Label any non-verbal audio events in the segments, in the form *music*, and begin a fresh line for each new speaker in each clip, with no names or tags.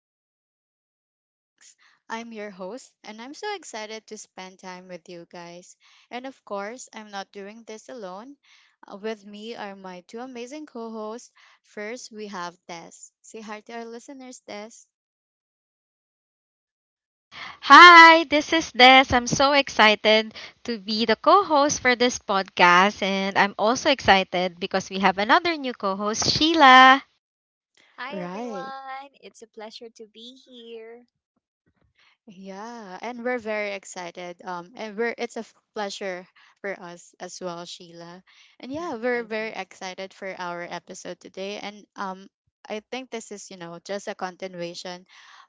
and welcome to Art Talks. I'm your host, and I'm so excited to spend time with you guys. And of course, I'm not doing this alone. With me are my two amazing co hosts. First, we have Des. Say hi to our listeners, Des.
Hi, this is Des. I'm so excited to be the co host for this podcast, and I'm also excited because we have another new co host, Sheila.
Hi,
Right.
everyone. It's a pleasure to be here.
Yeah, and we're very excited. And we're It's a pleasure for us as well, Sheila. And yeah,
*laughs*
we're
Thank
very
you.
excited for our episode today. And I think this is just a continuation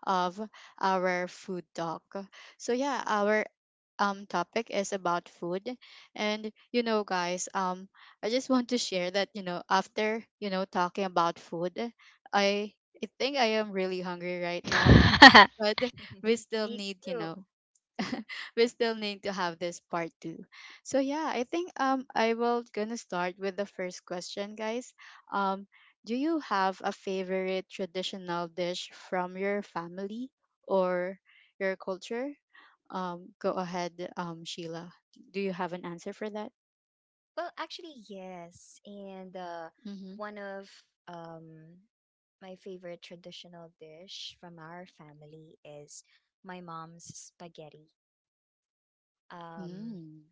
of our food talk. So yeah, our topic is about food, and guys, I just want to share that, after talking about food, I think I am really hungry right now.
*laughs*
But we
*laughs*
still
Me
need,
too.
*laughs* we still need to have this part two. So yeah, I think I will gonna start with the first question, guys. Um, do you have a favorite traditional dish from your family or your culture? Um, go ahead, Sheila. Do you have an answer for that?
Well, actually, yes. And
Mm-hmm.
one of um, my favorite traditional dish from our family is my mom's spaghetti. Um,
Mm-hmm.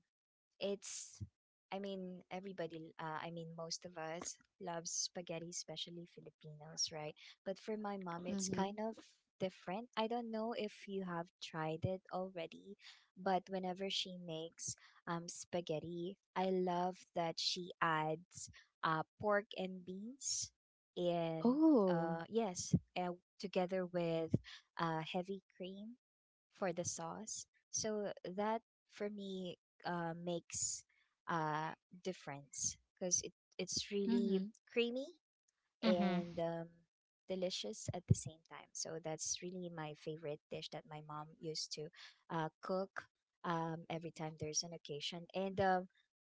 It's, I mean, everybody, I mean, most of us loves spaghetti, especially Filipinos, right? But for my mom, it's
Mm-hmm.
kind of different. I don't know if you have tried it already, but whenever she makes spaghetti, I love that she adds pork and beans and,
Oh.
yes, uh, together with heavy cream for the sauce. So that for me makes uh, difference because it's really
Mm-hmm.
creamy
Mm-hmm.
and delicious at the same time. So that's really my favorite dish that my mom used to cook every time there's an occasion. And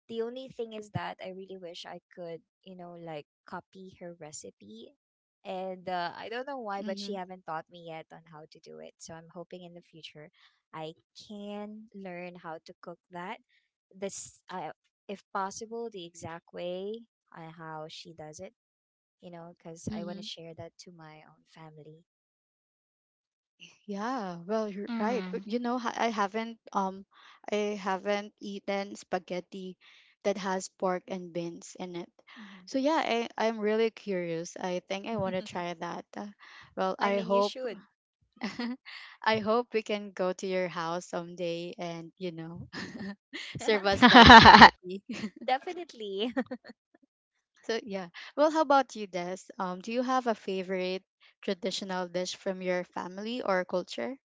the only thing is that I really wish I could, like copy her recipe. And I don't know why, but
Mm-hmm.
she haven't taught me yet on how to do it. So I'm hoping in the future I can learn how to cook that. This, if possible, the exact way how she does it, because I want
Mm-hmm.
to share that to my own family.
Yeah, well, you're right. But I haven't I haven't eaten spaghetti that has pork and beans in it. So yeah, I'm really curious. I think I want to
Mm-hmm.
try that. Well,
*laughs* I
I
mean, you
hope
should.
*laughs* I hope we can go to your house someday and, you know, *laughs* serve us
*laughs*
that
Mm-hmm. *laughs*
spaghetti. *laughs*
Definitely. *laughs*
So yeah. Well, how about you, Des? Do you have a favorite traditional dish from your family or culture?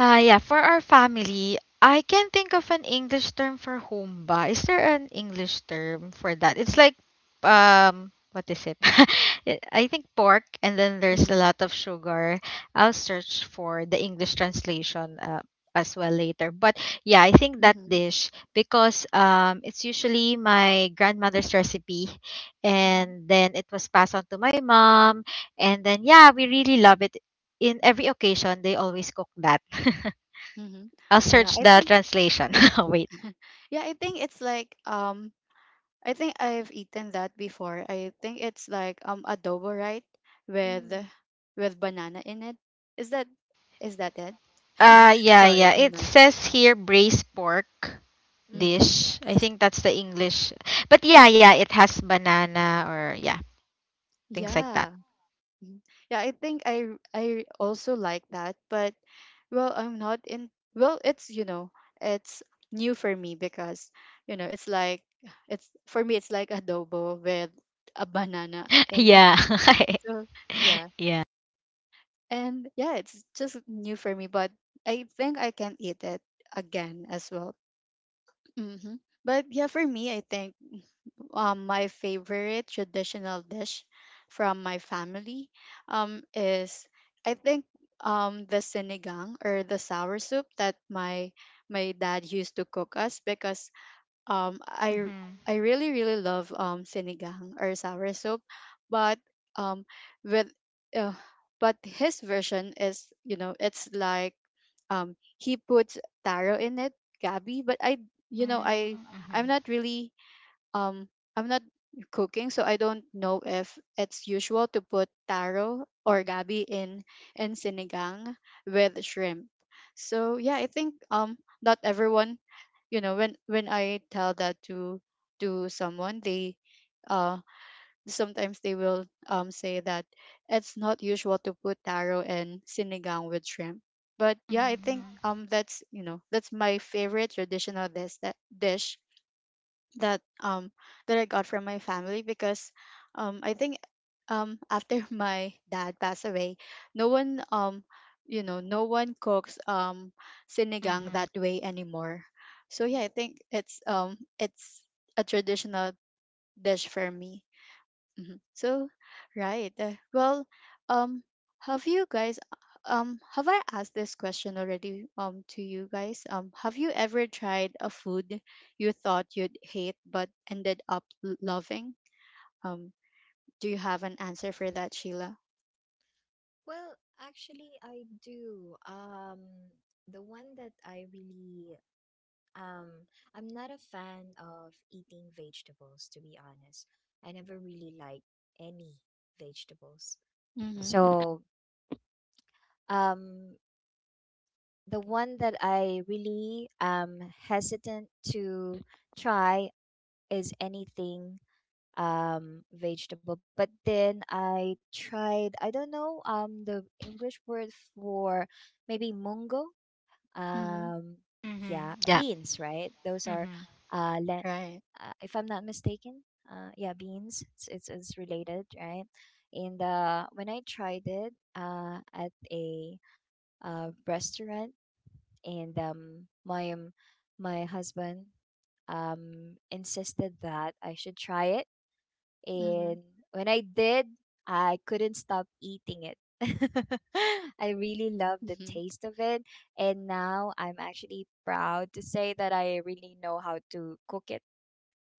Yeah, for our family, I can't think of an English term for humba. Is there an English term for that? It's like, what is it? *laughs* I I think pork, and then there's a
Mm-hmm.
lot of sugar. I'll search for the English translation as well later. But yeah, I think that
Mm-hmm.
dish because it's usually my grandmother's recipe,
Mm-hmm.
and then it was passed on to my mom, and then yeah, we really love it in every occasion they always cook that. *laughs*
Mm-hmm.
I'll
Yeah,
search
I
the
think
translation. *laughs* Wait.
yeah, I think it's like I think I've eaten that before. I think it's like adobo, right? With
Mm-hmm.
with banana in it. Is that is that it?
Yeah,
Sorry,
yeah.
I'm
It
not.
says here braised pork
Mm-hmm.
dish. I
Yes.
think that's the English. But yeah, yeah, it has banana or yeah, things like that.
Yeah. Mhm. Yeah, I think I also like that, but well, I'm not in well, it's new for me because, you know, it's like it's for me, it's like adobo with a banana
*laughs*
in it.
Yeah. *laughs*
So, yeah.
Yeah.
And yeah, it's just new for me, but I think I can eat it again as well. But yeah, for me, I think, my favorite traditional dish from my family, is, I think, the sinigang or the sour soup that my dad used to cook us because um I r-
Mhm.
I really really love sinigang or sour soup, but um with uh, but his version is, it's like, he puts taro in it, gabi, but I you know
Mm,
I'm
mhm.
not really um I'm not cooking, so I don't know if it's usual to put taro or gabi in sinigang with shrimp. So yeah, I think not everyone, when I tell that to someone, they, uh sometimes they will, say that it's not usual to put taro and sinigang with shrimp. But yeah, I
Mhm.
think, that's you know that's my favorite traditional dish, that um that I got from my family because I think after *laughs* my dad passed away, no one um no one cooks sinigang
Mhm.
that way anymore. So yeah, I think it's a traditional dish for me. Mhm. So, right. Well, um, have you guys, have I asked this question already, to you guys? Have you ever tried a food you thought you'd hate but ended up loving? Um, do you have an answer for that, Sheila?
Well, actually, I do. The one that I really um, I'm not a fan of eating vegetables, to be honest. I never really like any vegetables.
Mm-hmm.
So, um, the one that I really am hesitant to try is anything vegetable. But then I tried, I don't know, the English word for maybe mungo
Mm-hmm.
um
Mhm.
yeah,
Yeah.
beans, right? Those are
Mhm.
uh, le-
Right.
if I'm not mistaken, yeah, beans, it's related, right? And when I tried it at a restaurant and my my husband insisted that I should try it,
Mm-hmm.
and when I did, I couldn't stop eating it. *laughs* I really love the
Mm-hmm.
taste of it. And now I'm actually proud to say that I really know how to cook it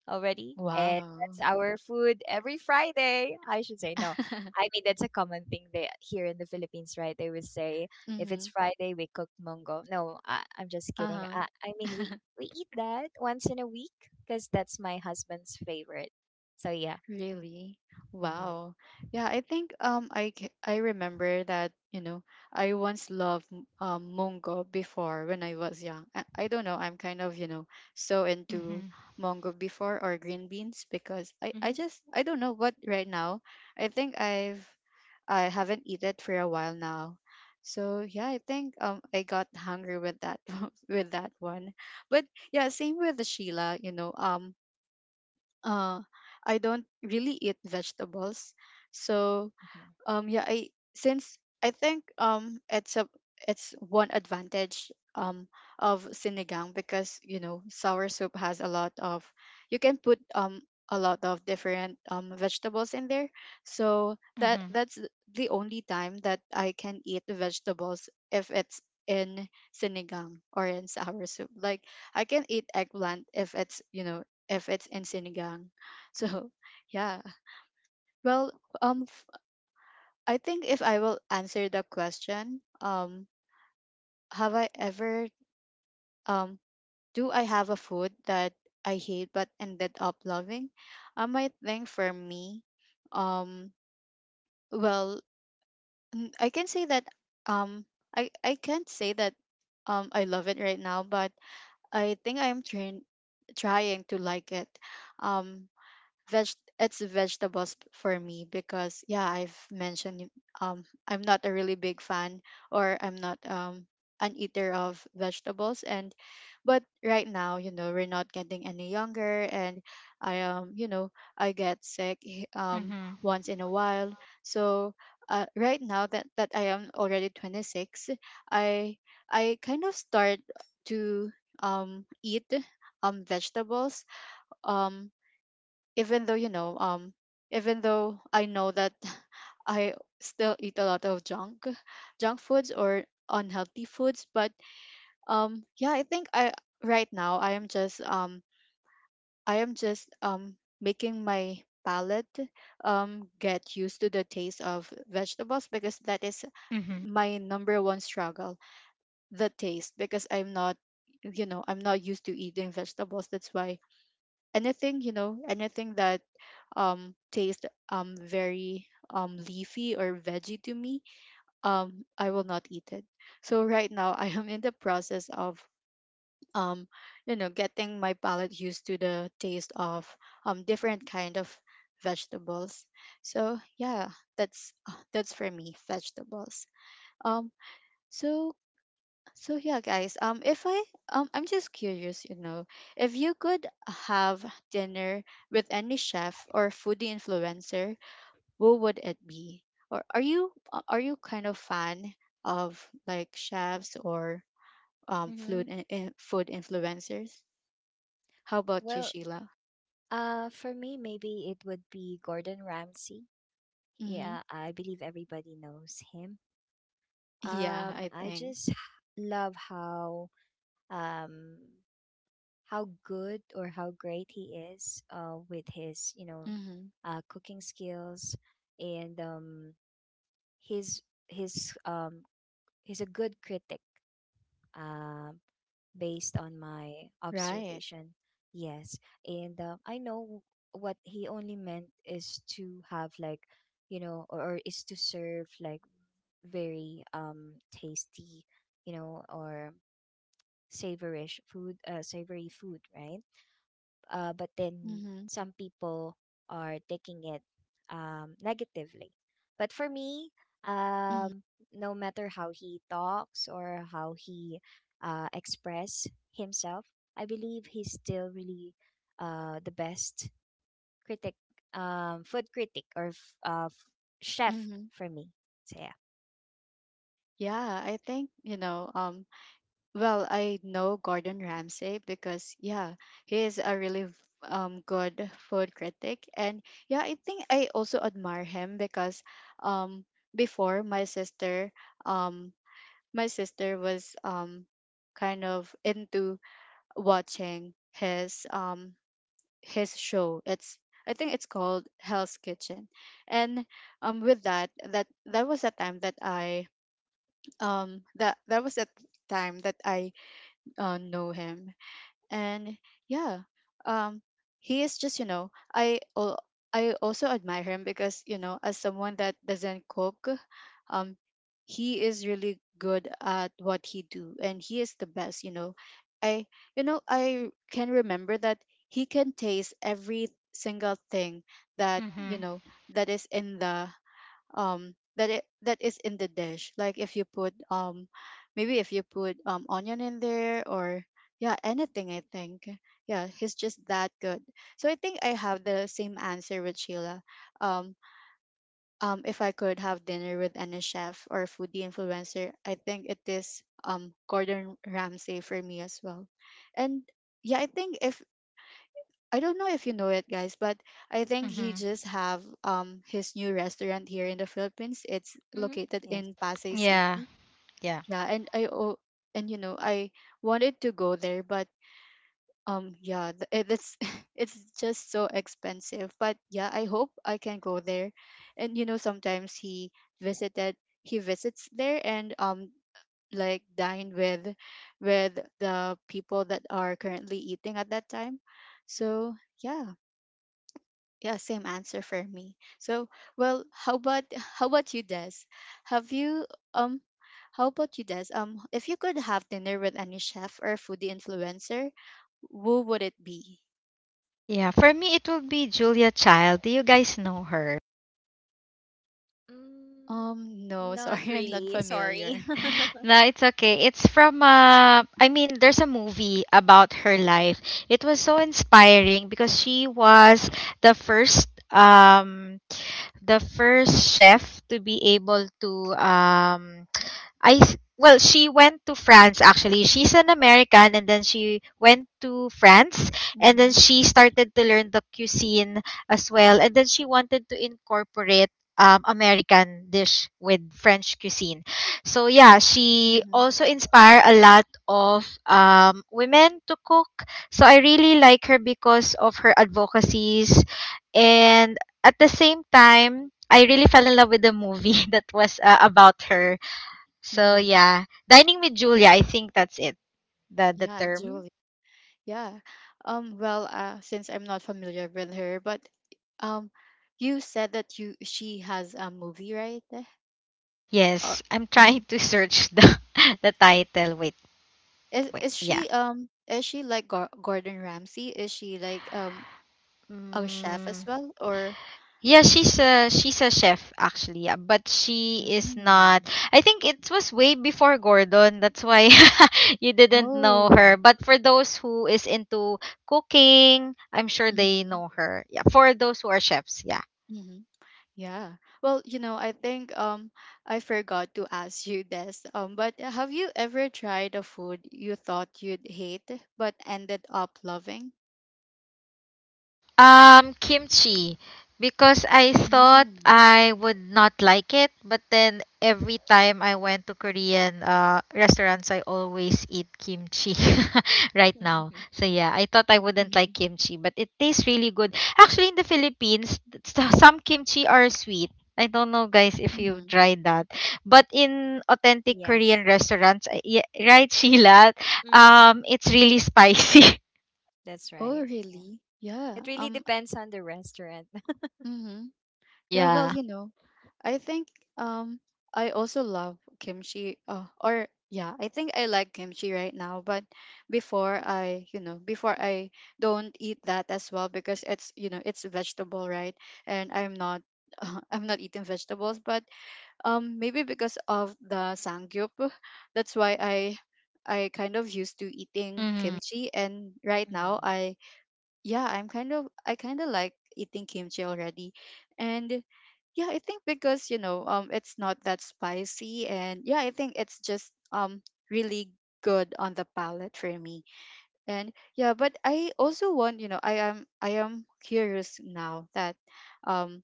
already. And
Wow.
that's our food every Friday. I should say, no. I
*laughs*
mean, that's a common thing here in the Philippines, right? They would say, if
Mm-hmm.
it's Friday, we cook mongo. No, I'm just kidding.
Uh-huh.
I mean, we,
*laughs*
we eat that once in a week because that's my husband's favorite. So, yeah.
Really?
Mm-hmm.
Wow. Yeah, I think I remember that, I once loved Mongo before when I was young. I don't know, I'm kind of, so into
Mhm.
Mongo before or green beans because I
Mm-hmm.
I just I don't know what right now. I think I haven't eaten it for a while now. So yeah, I think I got hungry with that *laughs* with that one. But yeah, same with the Sheila, uh, I don't really eat vegetables, so
Mm-hmm.
yeah, I think it's a, it's one advantage of sinigang, because sour soup has a lot of you can put a lot of different vegetables in there, so that
Mhm.
that's the only time that I can eat vegetables, if it's in sinigang or in sour soup. Like, I can eat eggplant if it's, if it's in sinigang. *laughs* So yeah. Well, um I think if I will answer the question, have I ever, um, do I have a food that I hate but ended up loving? I think for me, um, well, I can say that, um, I can't say that, I love it right now, but I think I'm trying to like it. Um, veg vegetables for me, because yeah, I've mentioned it, I'm not a really big fan, or I'm not an eater of vegetables. And but right now, we're not getting any younger, and I you know I get sick
Mhm.
once in a while. So, right now, that I am already 26, i I kind of start to eat vegetables, um even though, I know that *laughs* I still eat a lot of junk foods or unhealthy foods. But yeah, I think I right now I am just making my palate get used to the taste of vegetables, because that is
Mhm.
my number one struggle, the taste, because I'm not used to eating vegetables. That's why, anything, anything that tastes very leafy or veggie to me, I will not eat it. So right now I am in the process of, um getting my palate used to the taste of different kind of vegetables. So yeah, that's, that's for me, vegetables. Um, so so yeah, guys. If I I'm just curious, if you could have dinner with any chef or foodie influencer, who would it be? Or are you kind of fan of, like, chefs or
Mm-hmm.
food, food influencers? How about you,
Well,
Sheila?
for me, maybe it would be Gordon Ramsay.
Mm-hmm.
Yeah, I believe everybody knows him.
Yeah, I
I
think
just *sighs* love how um how good or how great he is with his,
Mm-hmm.
cooking skills and his his he's a good critic. Um Based on my
Right.
observation. Yes. And I know what he only meant is to have, like, you know, or is to serve, like, very tasty, or savory food, right? But then
Mm-hmm.
some people are taking it negatively. But for me,
Mm-hmm.
um, no matter how he talks or how he express himself, I believe he's still really the best critic, food critic or chef
Mm-hmm.
for me. So yeah.
Yeah, I think. Well, I know Gordon Ramsay because yeah, he is a really good food critic. And yeah, I think I also admire him because um before, um my sister was kind of into watching his, his show. It's I think it's called Hell's Kitchen. And with that, that was a time that I that that was a time that I know him. And yeah, um he is just, I also admire him, because, as someone that doesn't cook, um he is really good at what he do, and he is the best. You know i you know I can remember that he can taste every single thing, that
Mhm.
that is in the that it that is in the dish, like, if you put maybe if you put onion in there, or yeah, anything. I think yeah, he's just that good. So I think I have the same answer with Sheila. Um um if I could have dinner with any chef or foodie influencer, I think it is Gordon Ramsay for me as well. And yeah, I don't know if you know it, guys, but I think he
Mhm.
just have his new restaurant here in the Philippines. It's
Mm-hmm.
located
Yes.
in Pasay
Yeah.
City.
Yeah.
Yeah, and I oh, and I wanted to go there, but yeah, it's *laughs* it's just so expensive. But yeah, I hope I can go there, and sometimes he visits there and like dine with the people that are currently eating at that time. So yeah, yeah, same answer for me. So, well, how about *laughs* how about you, Des? Have you um how about you, Des? If you could have dinner with any chef or foodie influencer, who would it be?
Yeah, for me it will be Julia Child. Do you guys know her?
Mm,
No,
not
sorry, *laughs* I'm not
really.
familiar.
Sorry.
No, it's okay. It's from I mean there's a movie about her life. It was so inspiring because she was the first um the first chef to be able to well, she went to France actually. She's an American and then she went to France and then
Mhm.
she started to learn the cuisine as well and then she wanted to incorporate American dish with French cuisine. So yeah, she
Mhm.
also inspire a lot of women to cook. So I really like her because of her advocacies and at the same time, I really fell in love with the movie *laughs* that was about her so
Mhm.
yeah, dining with Julia. I think that's it. The
Yeah,
term.
Julie. Yeah. Well, since I'm not familiar with her, but um you said that you she has a movie, right? Or
Yes, I'm *laughs* trying
Mhm.
to search the *laughs* the title. Wait,
Is
wait.
is
Yeah.
she is she like Gordon Ramsay? Is she like a chef
Mm,
as well, or
yeah, she's a chef actually, yeah, but she is not.
mm.
I think it was way before Gordon. That's why *laughs* you didn't know
Oh.
her. But for those who is into cooking, I'm sure they
Mhm.
know her. Yeah, for those who are chefs, yeah.
Mhm. Yeah. Well, I think I forgot to ask you this. But have you ever tried a food you thought you'd hate but ended up loving?
Kimchi. Because I thought
Mm.
I would not like it, but then every time I went to Korean restaurants, I always eat kimchi *laughs* right now. So
*laughs*
yeah, I thought I wouldn't like
Mhm.
kimchi, but it tastes really good. Actually, in the Philippines, some kimchi are sweet. I don't know, guys, if you've
Mhm.
tried that, but in authentic
Yes.
Korean restaurants, yeah, right, Sheila?
Mm-hmm.
It's really spicy.
That's
Oh,
right.
really? Yeah.
It really
Um
depends on the restaurant.
mhm. Yeah, well,
*laughs* Yeah.
you know, I think um I also love kimchi. Or yeah, I think I like kimchi right now, but before I don't eat that as well because it's vegetable, right? And I'm not *laughs* I'm not eating vegetables, but maybe because of the sangyup, *laughs* that's why I kind of used to eating
Mm-hmm.
kimchi and
*laughs*
right
mm
now I yeah, I kind of like eating kimchi already. And yeah, I think because it's not that spicy, and yeah, I think it's just really good on the palate for me. And yeah, but I also want, you know, I am curious now that, um,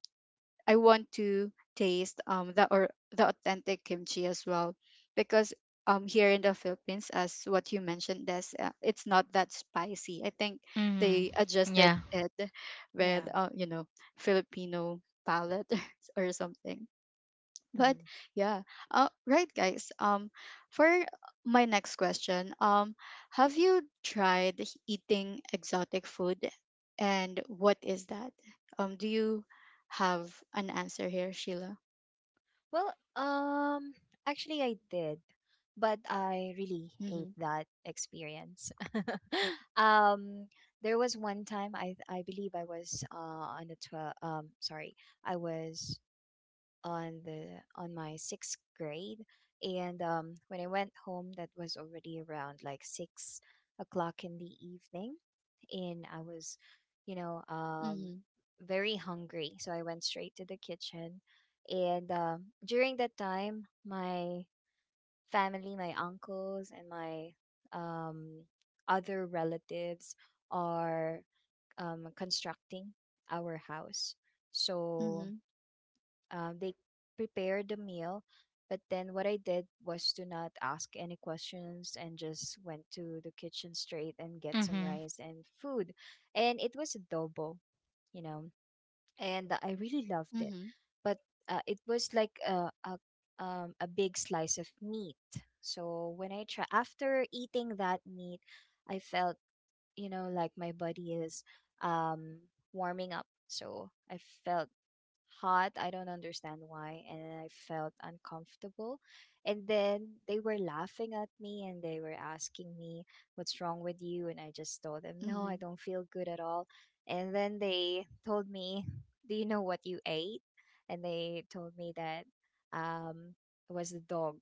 I want to taste the or the authentic kimchi as well because here in the Philippines as what you mentioned this, it's not that spicy. I think
Mm-hmm.
they adjusted
Yeah.
it
Yeah.
with you know, Filipino palate *laughs* or something. But
Mm-hmm.
yeah, right, guys. For my next question, have you tried eating exotic food, and what is that? Do you have an answer here, Sheila?
Well, actually, I did, but I really hate
Mm-hmm.
that experience. *laughs* um, there was one time I believe I was on the 12, sorry, I was on the on my sixth grade, and when I went home, that was already around like 6 o'clock in the evening, in. I was, you know, um,
Mm-hmm.
very hungry. So I went straight to the kitchen. And during that time, my family, my uncles, and my um, other relatives are constructing our house. So
Mm-hmm.
they prepared the meal, but then what I did was to not ask any questions and just went to the kitchen straight and get some
Mm-hmm.
rice and food, and it was adobo, you know and I really loved it.
Mm-hmm.
But it was like a big slice of meat, so when I try, after eating that meat, I felt, like my body is um warming up, so I felt hot. I don't understand why. And I felt uncomfortable. And then they were laughing at me and they were asking me, "What's wrong with you?" And I just told them, "No,
Mm-hmm.
I don't feel good at all." And then they told me, "Do you know what you ate?" And they told me that um, it was a dog,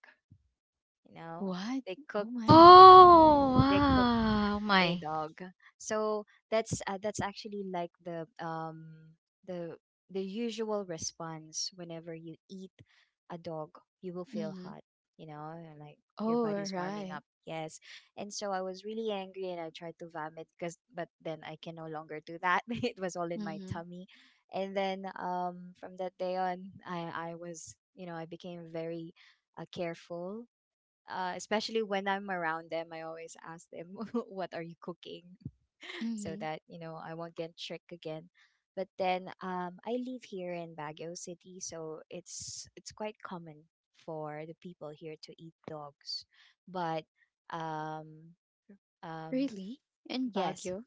you know?
What?
They
Oh
cooked,
my.
yeah,
Oh,
they cooked
wow.
a
My.
dog. So that's actually like the the usual response whenever you eat a dog, you will feel
Mm-hmm.
hot, and like your
Oh,
body's warming
right.
up. Yes. And so I was really angry, and I tried to vomit, because but then I can no longer do that. *laughs* It was all in my
Mm-hmm.
tummy. And then from that day on, I was, you know, I became very careful, especially when I'm around them. I always ask them, *laughs* "What are you cooking?" *laughs* so
Mm-hmm.
that you know I won't get tricked again. But then I live here in Baguio City, so it's quite common for the people here to eat dogs. But um, um,
Really? In
yes,
Baguio?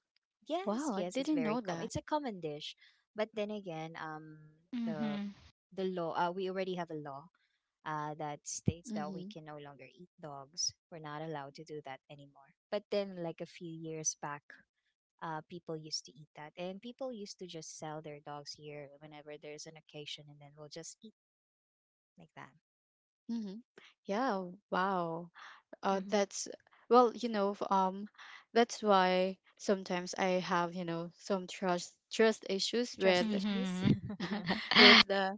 yes,
Wow, I
yes, it's
didn't know
very common.
that.
It's a common dish. But then again, the
Mm-hmm.
the law, we already have a law that states that we
Mm-hmm.
can no longer eat dogs. We're not allowed to do that anymore. But then, like a few years back, people used to eat that, and people used to just sell their dogs here whenever there's an occasion, and then we'll just eat like that.
Mm-hmm. Yeah. Wow.
hmm
That's well, you know, that's why sometimes I have, you know, some trust issues
Trust
with
issues.
Mm-hmm.
*laughs*
*laughs*
*laughs*
with the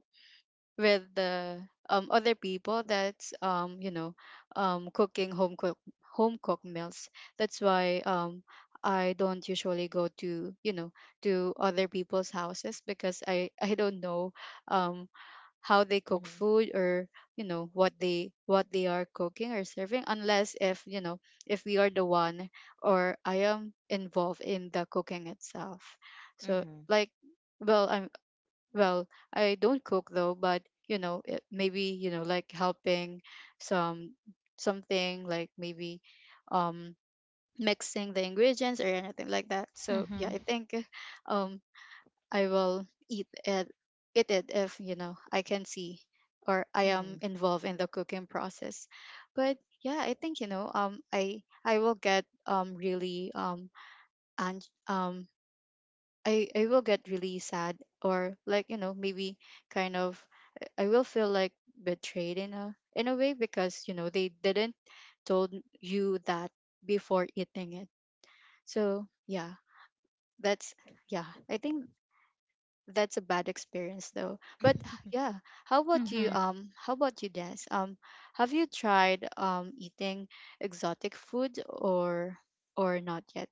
with the um other people that's you know, cooking home cooked meals. That's why I don't usually go to, you know, to other people's houses because I don't know um how they cook
Mhm.
food or you know what they are cooking or serving unless if you know if we are the one or I am involved in the cooking itself. So
Mhm.
like, well i'm well, I don't cook though, but you know, it, maybe you know, like helping some something like maybe um mixing the ingredients or anything like that. So yeah,
Mm-hmm.
I think um I will eat it if you know I can see or I am
Mhm.
involved in the cooking process. But yeah, I think you know I will get really and I will get really sad or like you know maybe kind of I will feel like betrayed in a way because you know they didn't told you that before eating it. So yeah, that's yeah. I think that's a bad experience though. But *sighs* yeah, how about you?
Mm-hmm.
How about you, Des? Have you tried eating exotic food or not yet?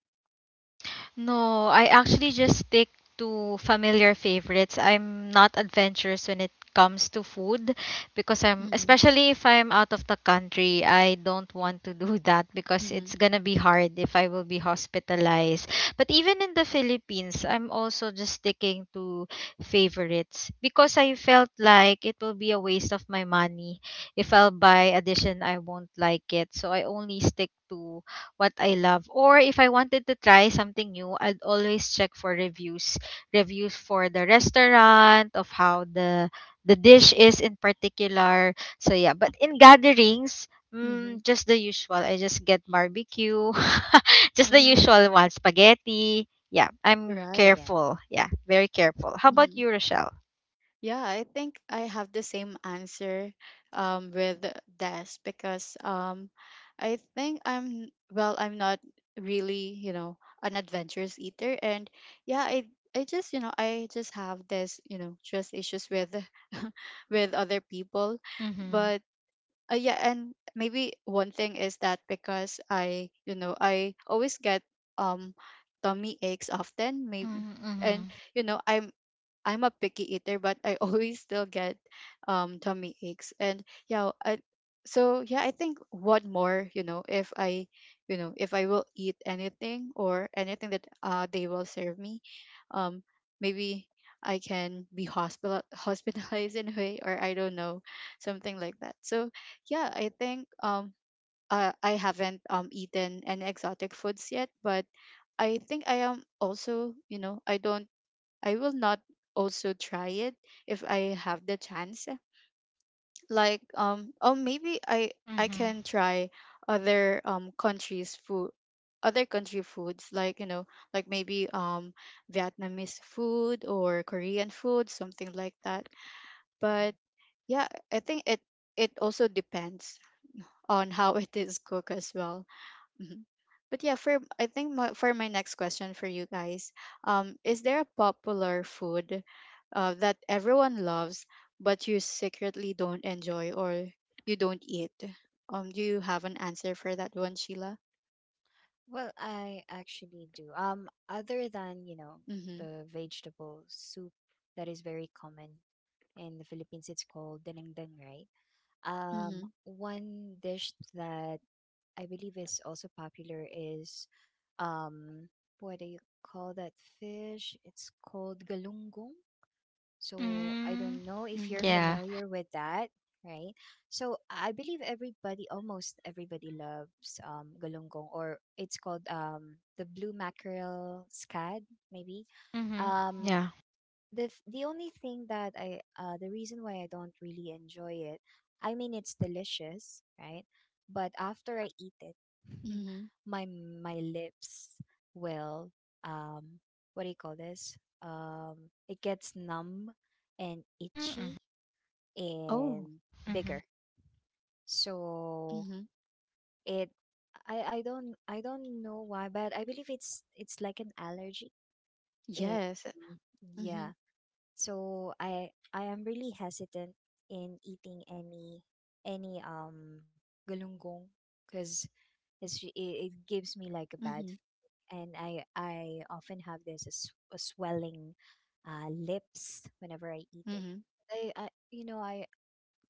No, I actually just stick to familiar favorites. I'm not adventurous when it comes to food because
Mm-hmm.
especially if I'm out of the country, I don't want to do *laughs* that because
Mm-hmm.
it's gonna be hard if I will be hospitalized. But even in the Philippines, I'm also just sticking to favorites because I felt like it will be a waste of my money. If I'll buy addition, I won't like it. So I only stick to what I love. Or if I wanted to try something new, I'd always check for reviews. Reviews for the restaurant, of how the dish is in particular. So yeah, but in gatherings,
Mm-hmm.
mm, just the usual. I just get barbecue. *laughs* Just the
Mhm.
usual one, spaghetti. Yeah, I'm
Right.
*laughs* Yes.
careful. Yeah, very careful. How about
Mm-hmm.
you, Rochelle?
Yeah, I think I have the same answer with Des because I think I'm, well, I'm not really, you know, an adventurous eater. And yeah, I just, you know, I just have this, you know, trust issues with *laughs* with other people.
Mhm.
But yeah, and maybe one thing is that because I, you know, I always get um tummy aches often, maybe,
Mhm.
and
Mhm.
you know, I'm a picky eater, but I *laughs* always still get tummy aches. And yeah, I so yeah, I think what more, you know, if I you know, if I will eat anything or anything that they will serve me, um maybe I can be hospital *laughs* hospitalized in a way, or I don't know, something like that. So yeah, I think I haven't eaten any exotic foods yet, but I think I am also, you know, I will not also try it if I have the chance. Like oh maybe I
Mhm.
can try other countries food, other country foods like you know, like maybe Vietnamese food or Korean food, something like that.
Mhm.
But yeah, I think it also depends on how *laughs* it is cooked as well. Mhm. But yeah, for my next question for you guys, is there a popular food that everyone loves but you secretly don't enjoy or you don't eat? Do you have an answer for that one, Sheila?
Well, I actually do. Other than,
Mhm.
the vegetable soup that is very common in the Philippines, it's called denengdeng, right?
Mhm.
One dish that I believe is also popular is um, what do you call that fish? It's called galunggong. So I
Mm.
don't know if you're
Mhm.
Yeah.
familiar with that, right? So I believe everybody, almost everybody, loves galunggong, or it's called the blue mackerel scad, maybe.
Mhm.
Um,
Yeah.
the only thing that I, the reason why I don't really enjoy it, I mean, it's delicious, right? But after I eat it, *laughs*
Mhm.
my my lips will, um what do you call this? It gets numb and
Mm. Mhm.
itchy
Oh.
and
Mhm.
bigger. So
Mhm.
it I don't know why, but I believe it's like an allergy, and
Yes.
um,
Mhm.
yeah. So I am really hesitant in eating any galunggong because it gives me like a bad
Mhm.
and I often have this a swelling lips whenever I eat it.
Mhm.
I you know I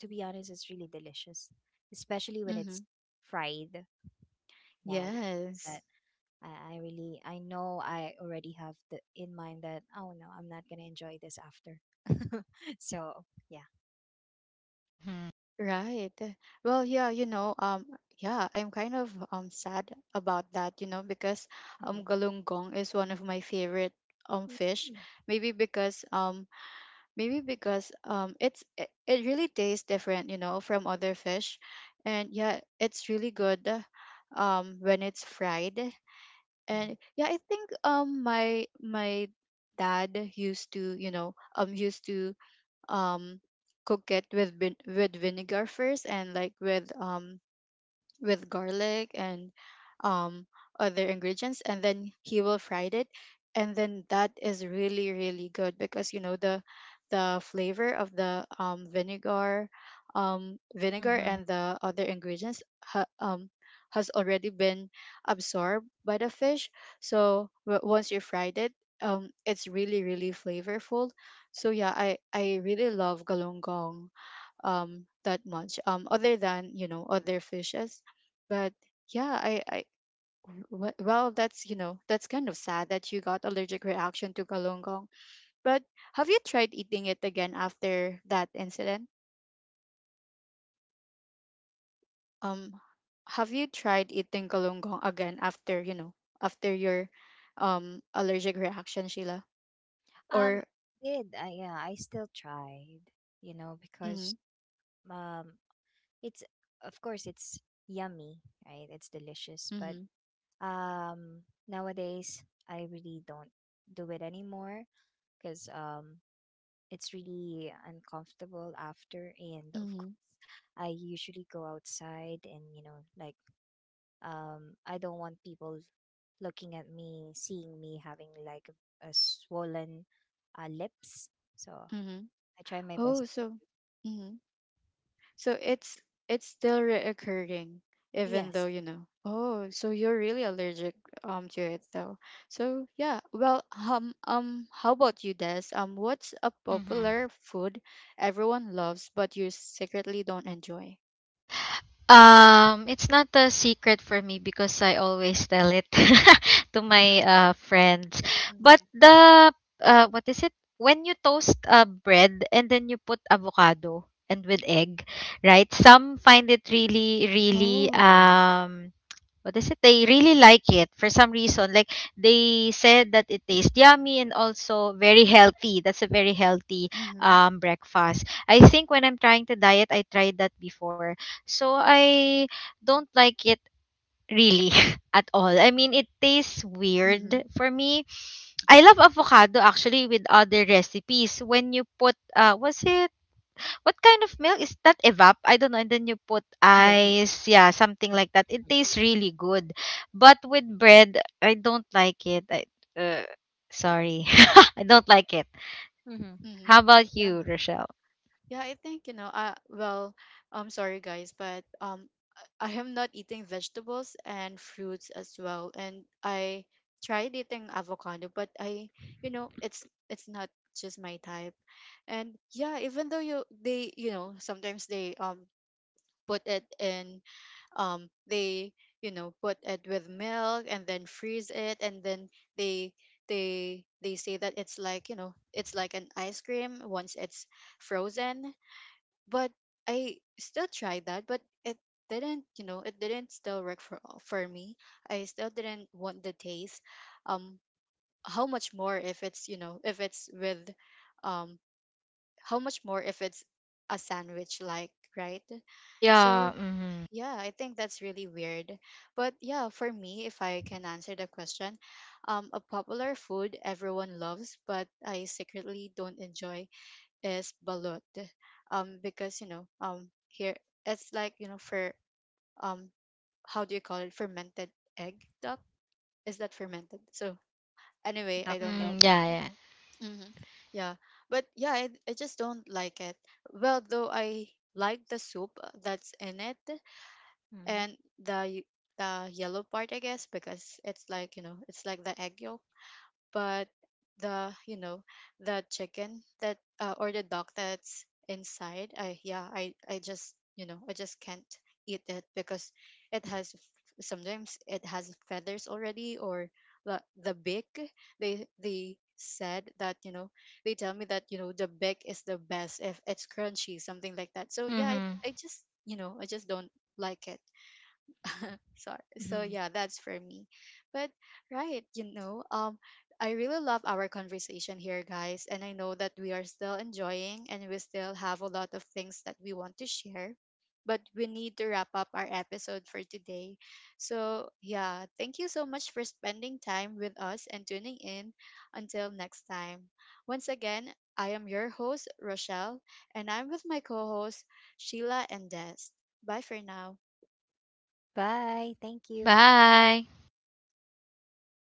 To be honest, it's really delicious, especially when it's
Mhm.
fried. But uh,
Yes.
I really, I know I already have in mind that, "Oh no, I'm not gonna enjoy this after." *laughs* So yeah.
Mhm.
Right. Well, yeah, you know, yeah, I'm kind of sad about that, you know, because
Mhm.
galunggong is one of my favorite fish.
Mhm.
Maybe because um Maybe because it's it, it really tastes different, you know, from other fish. And yeah, it's really good when it's fried.
Mhm.
And yeah, I think my dad used to, you know, used to um cook it with with vinegar first and like with garlic and um, other ingredients, and then he will fry it, and then that is really really good because you know the flavor of the vinegar
Mhm.
and the other ingredients has already been absorbed by the fish, so once you fried it, it's really really flavorful. So yeah, I really love galunggong that much, other than you know other fishes. But yeah, well, that's you know that's kind of sad that you got allergic reaction to kalunggong. But have you tried eating it again after that incident? um have you tried eating kalunggong again after you know, after your allergic reaction, Sheila?
um
Or
yeah, I still tried, because
mm-hmm,
um it's, of course, it's yummy, right? it's delicious but
mm-hmm,
nowadays I really don't do it anymore because it's really uncomfortable after. And of
mm-hmm,
course I usually go outside, and you know, like, I don't want people looking at me, seeing me having like a swollen lips. So
mm-hmm.
I try my best.
Oh so mm-hmm. So it's still reoccurring, even though
Yes.
you know. Oh, so you're really allergic to it though. So yeah. Well, how about you, Des? What's a
Mhm.
popular food everyone loves but you secretly don't enjoy?
It's not a secret for me because I always tell it *laughs* to my
Mm-hmm.
friends. But
Mm.
the what is it? When you toast bread and then you put avocado and with egg, right? Some find it really, really
Oh.
what is it? They really like it for some reason. Like they said that it tastes yummy and also very healthy. That's a very healthy
Mm-hmm.
breakfast. I think when I'm trying to diet, I tried that before. So I don't like it really *laughs* at all. I mean, it tastes
Mm-hmm.
weird for me. I love avocado actually with other recipes. When you put, was it? What kind of milk is that? Evap? I don't know. And then you put
Yes.
ice. Yeah, something like that. It tastes really good. But with bread, I don't like it. Uh, Sorry. *laughs* I don't like it.
Mm-hmm.
How
Mm.
about
Yeah.
you, Rochelle?
Yeah, I think, you know, well, I'm sorry guys, but I am not eating vegetables and fruits as well. And I tried eating avocado, but I, you know, it's not just my type. And yeah, even though you they, you know, sometimes they put it in they, you know, put it with milk and then freeze it and then they they say that it's like, you know, it's like an ice cream once it's frozen, but I still tried that, but it didn't, you know, it didn't still work for me. I still didn't want the taste. Um, how much more if it's, you know, if it's with, um, how much more if it's a sandwich like, right? So
Yeah. Mm-hmm.
yeah, I think that's really weird. But yeah, for me, if I can answer the question, a popular food everyone loves but I secretly don't enjoy is balut, because you know here it's like you know for um how do you call it, fermented egg duck? Is that fermented? So anyway, I
Duck
don't
egg.
know,
Mm, yeah, yeah.
hmm, yeah. But yeah, I just don't like it. Well though, I like the soup that's in it and the yellow part, I guess, because it's like you know it's like the egg yolk. But the you know the chicken that or the dog that's inside, I yeah, I just you know I just can't eat it because it has sometimes it has feathers already, or the beak, they said that you know they tell me that you know the beak is the best if it's crunchy, something like that. So yeah, i,
Mm-hmm.
I just you know I just don't like it. *laughs* So
Mm-hmm.
so yeah, that's for me. But right, you know, I really love our conversation here, guys, and I know that we are still enjoying and we still have a lot of things that we want to share, but we need to wrap up our episode for today. So yeah, thank you so much for spending time with us and tuning in. Until next time, once again, I am your host Rochelle, and I'm with my co-hosts Sheila and Des. Bye for now.
Bye, thank you.
Bye.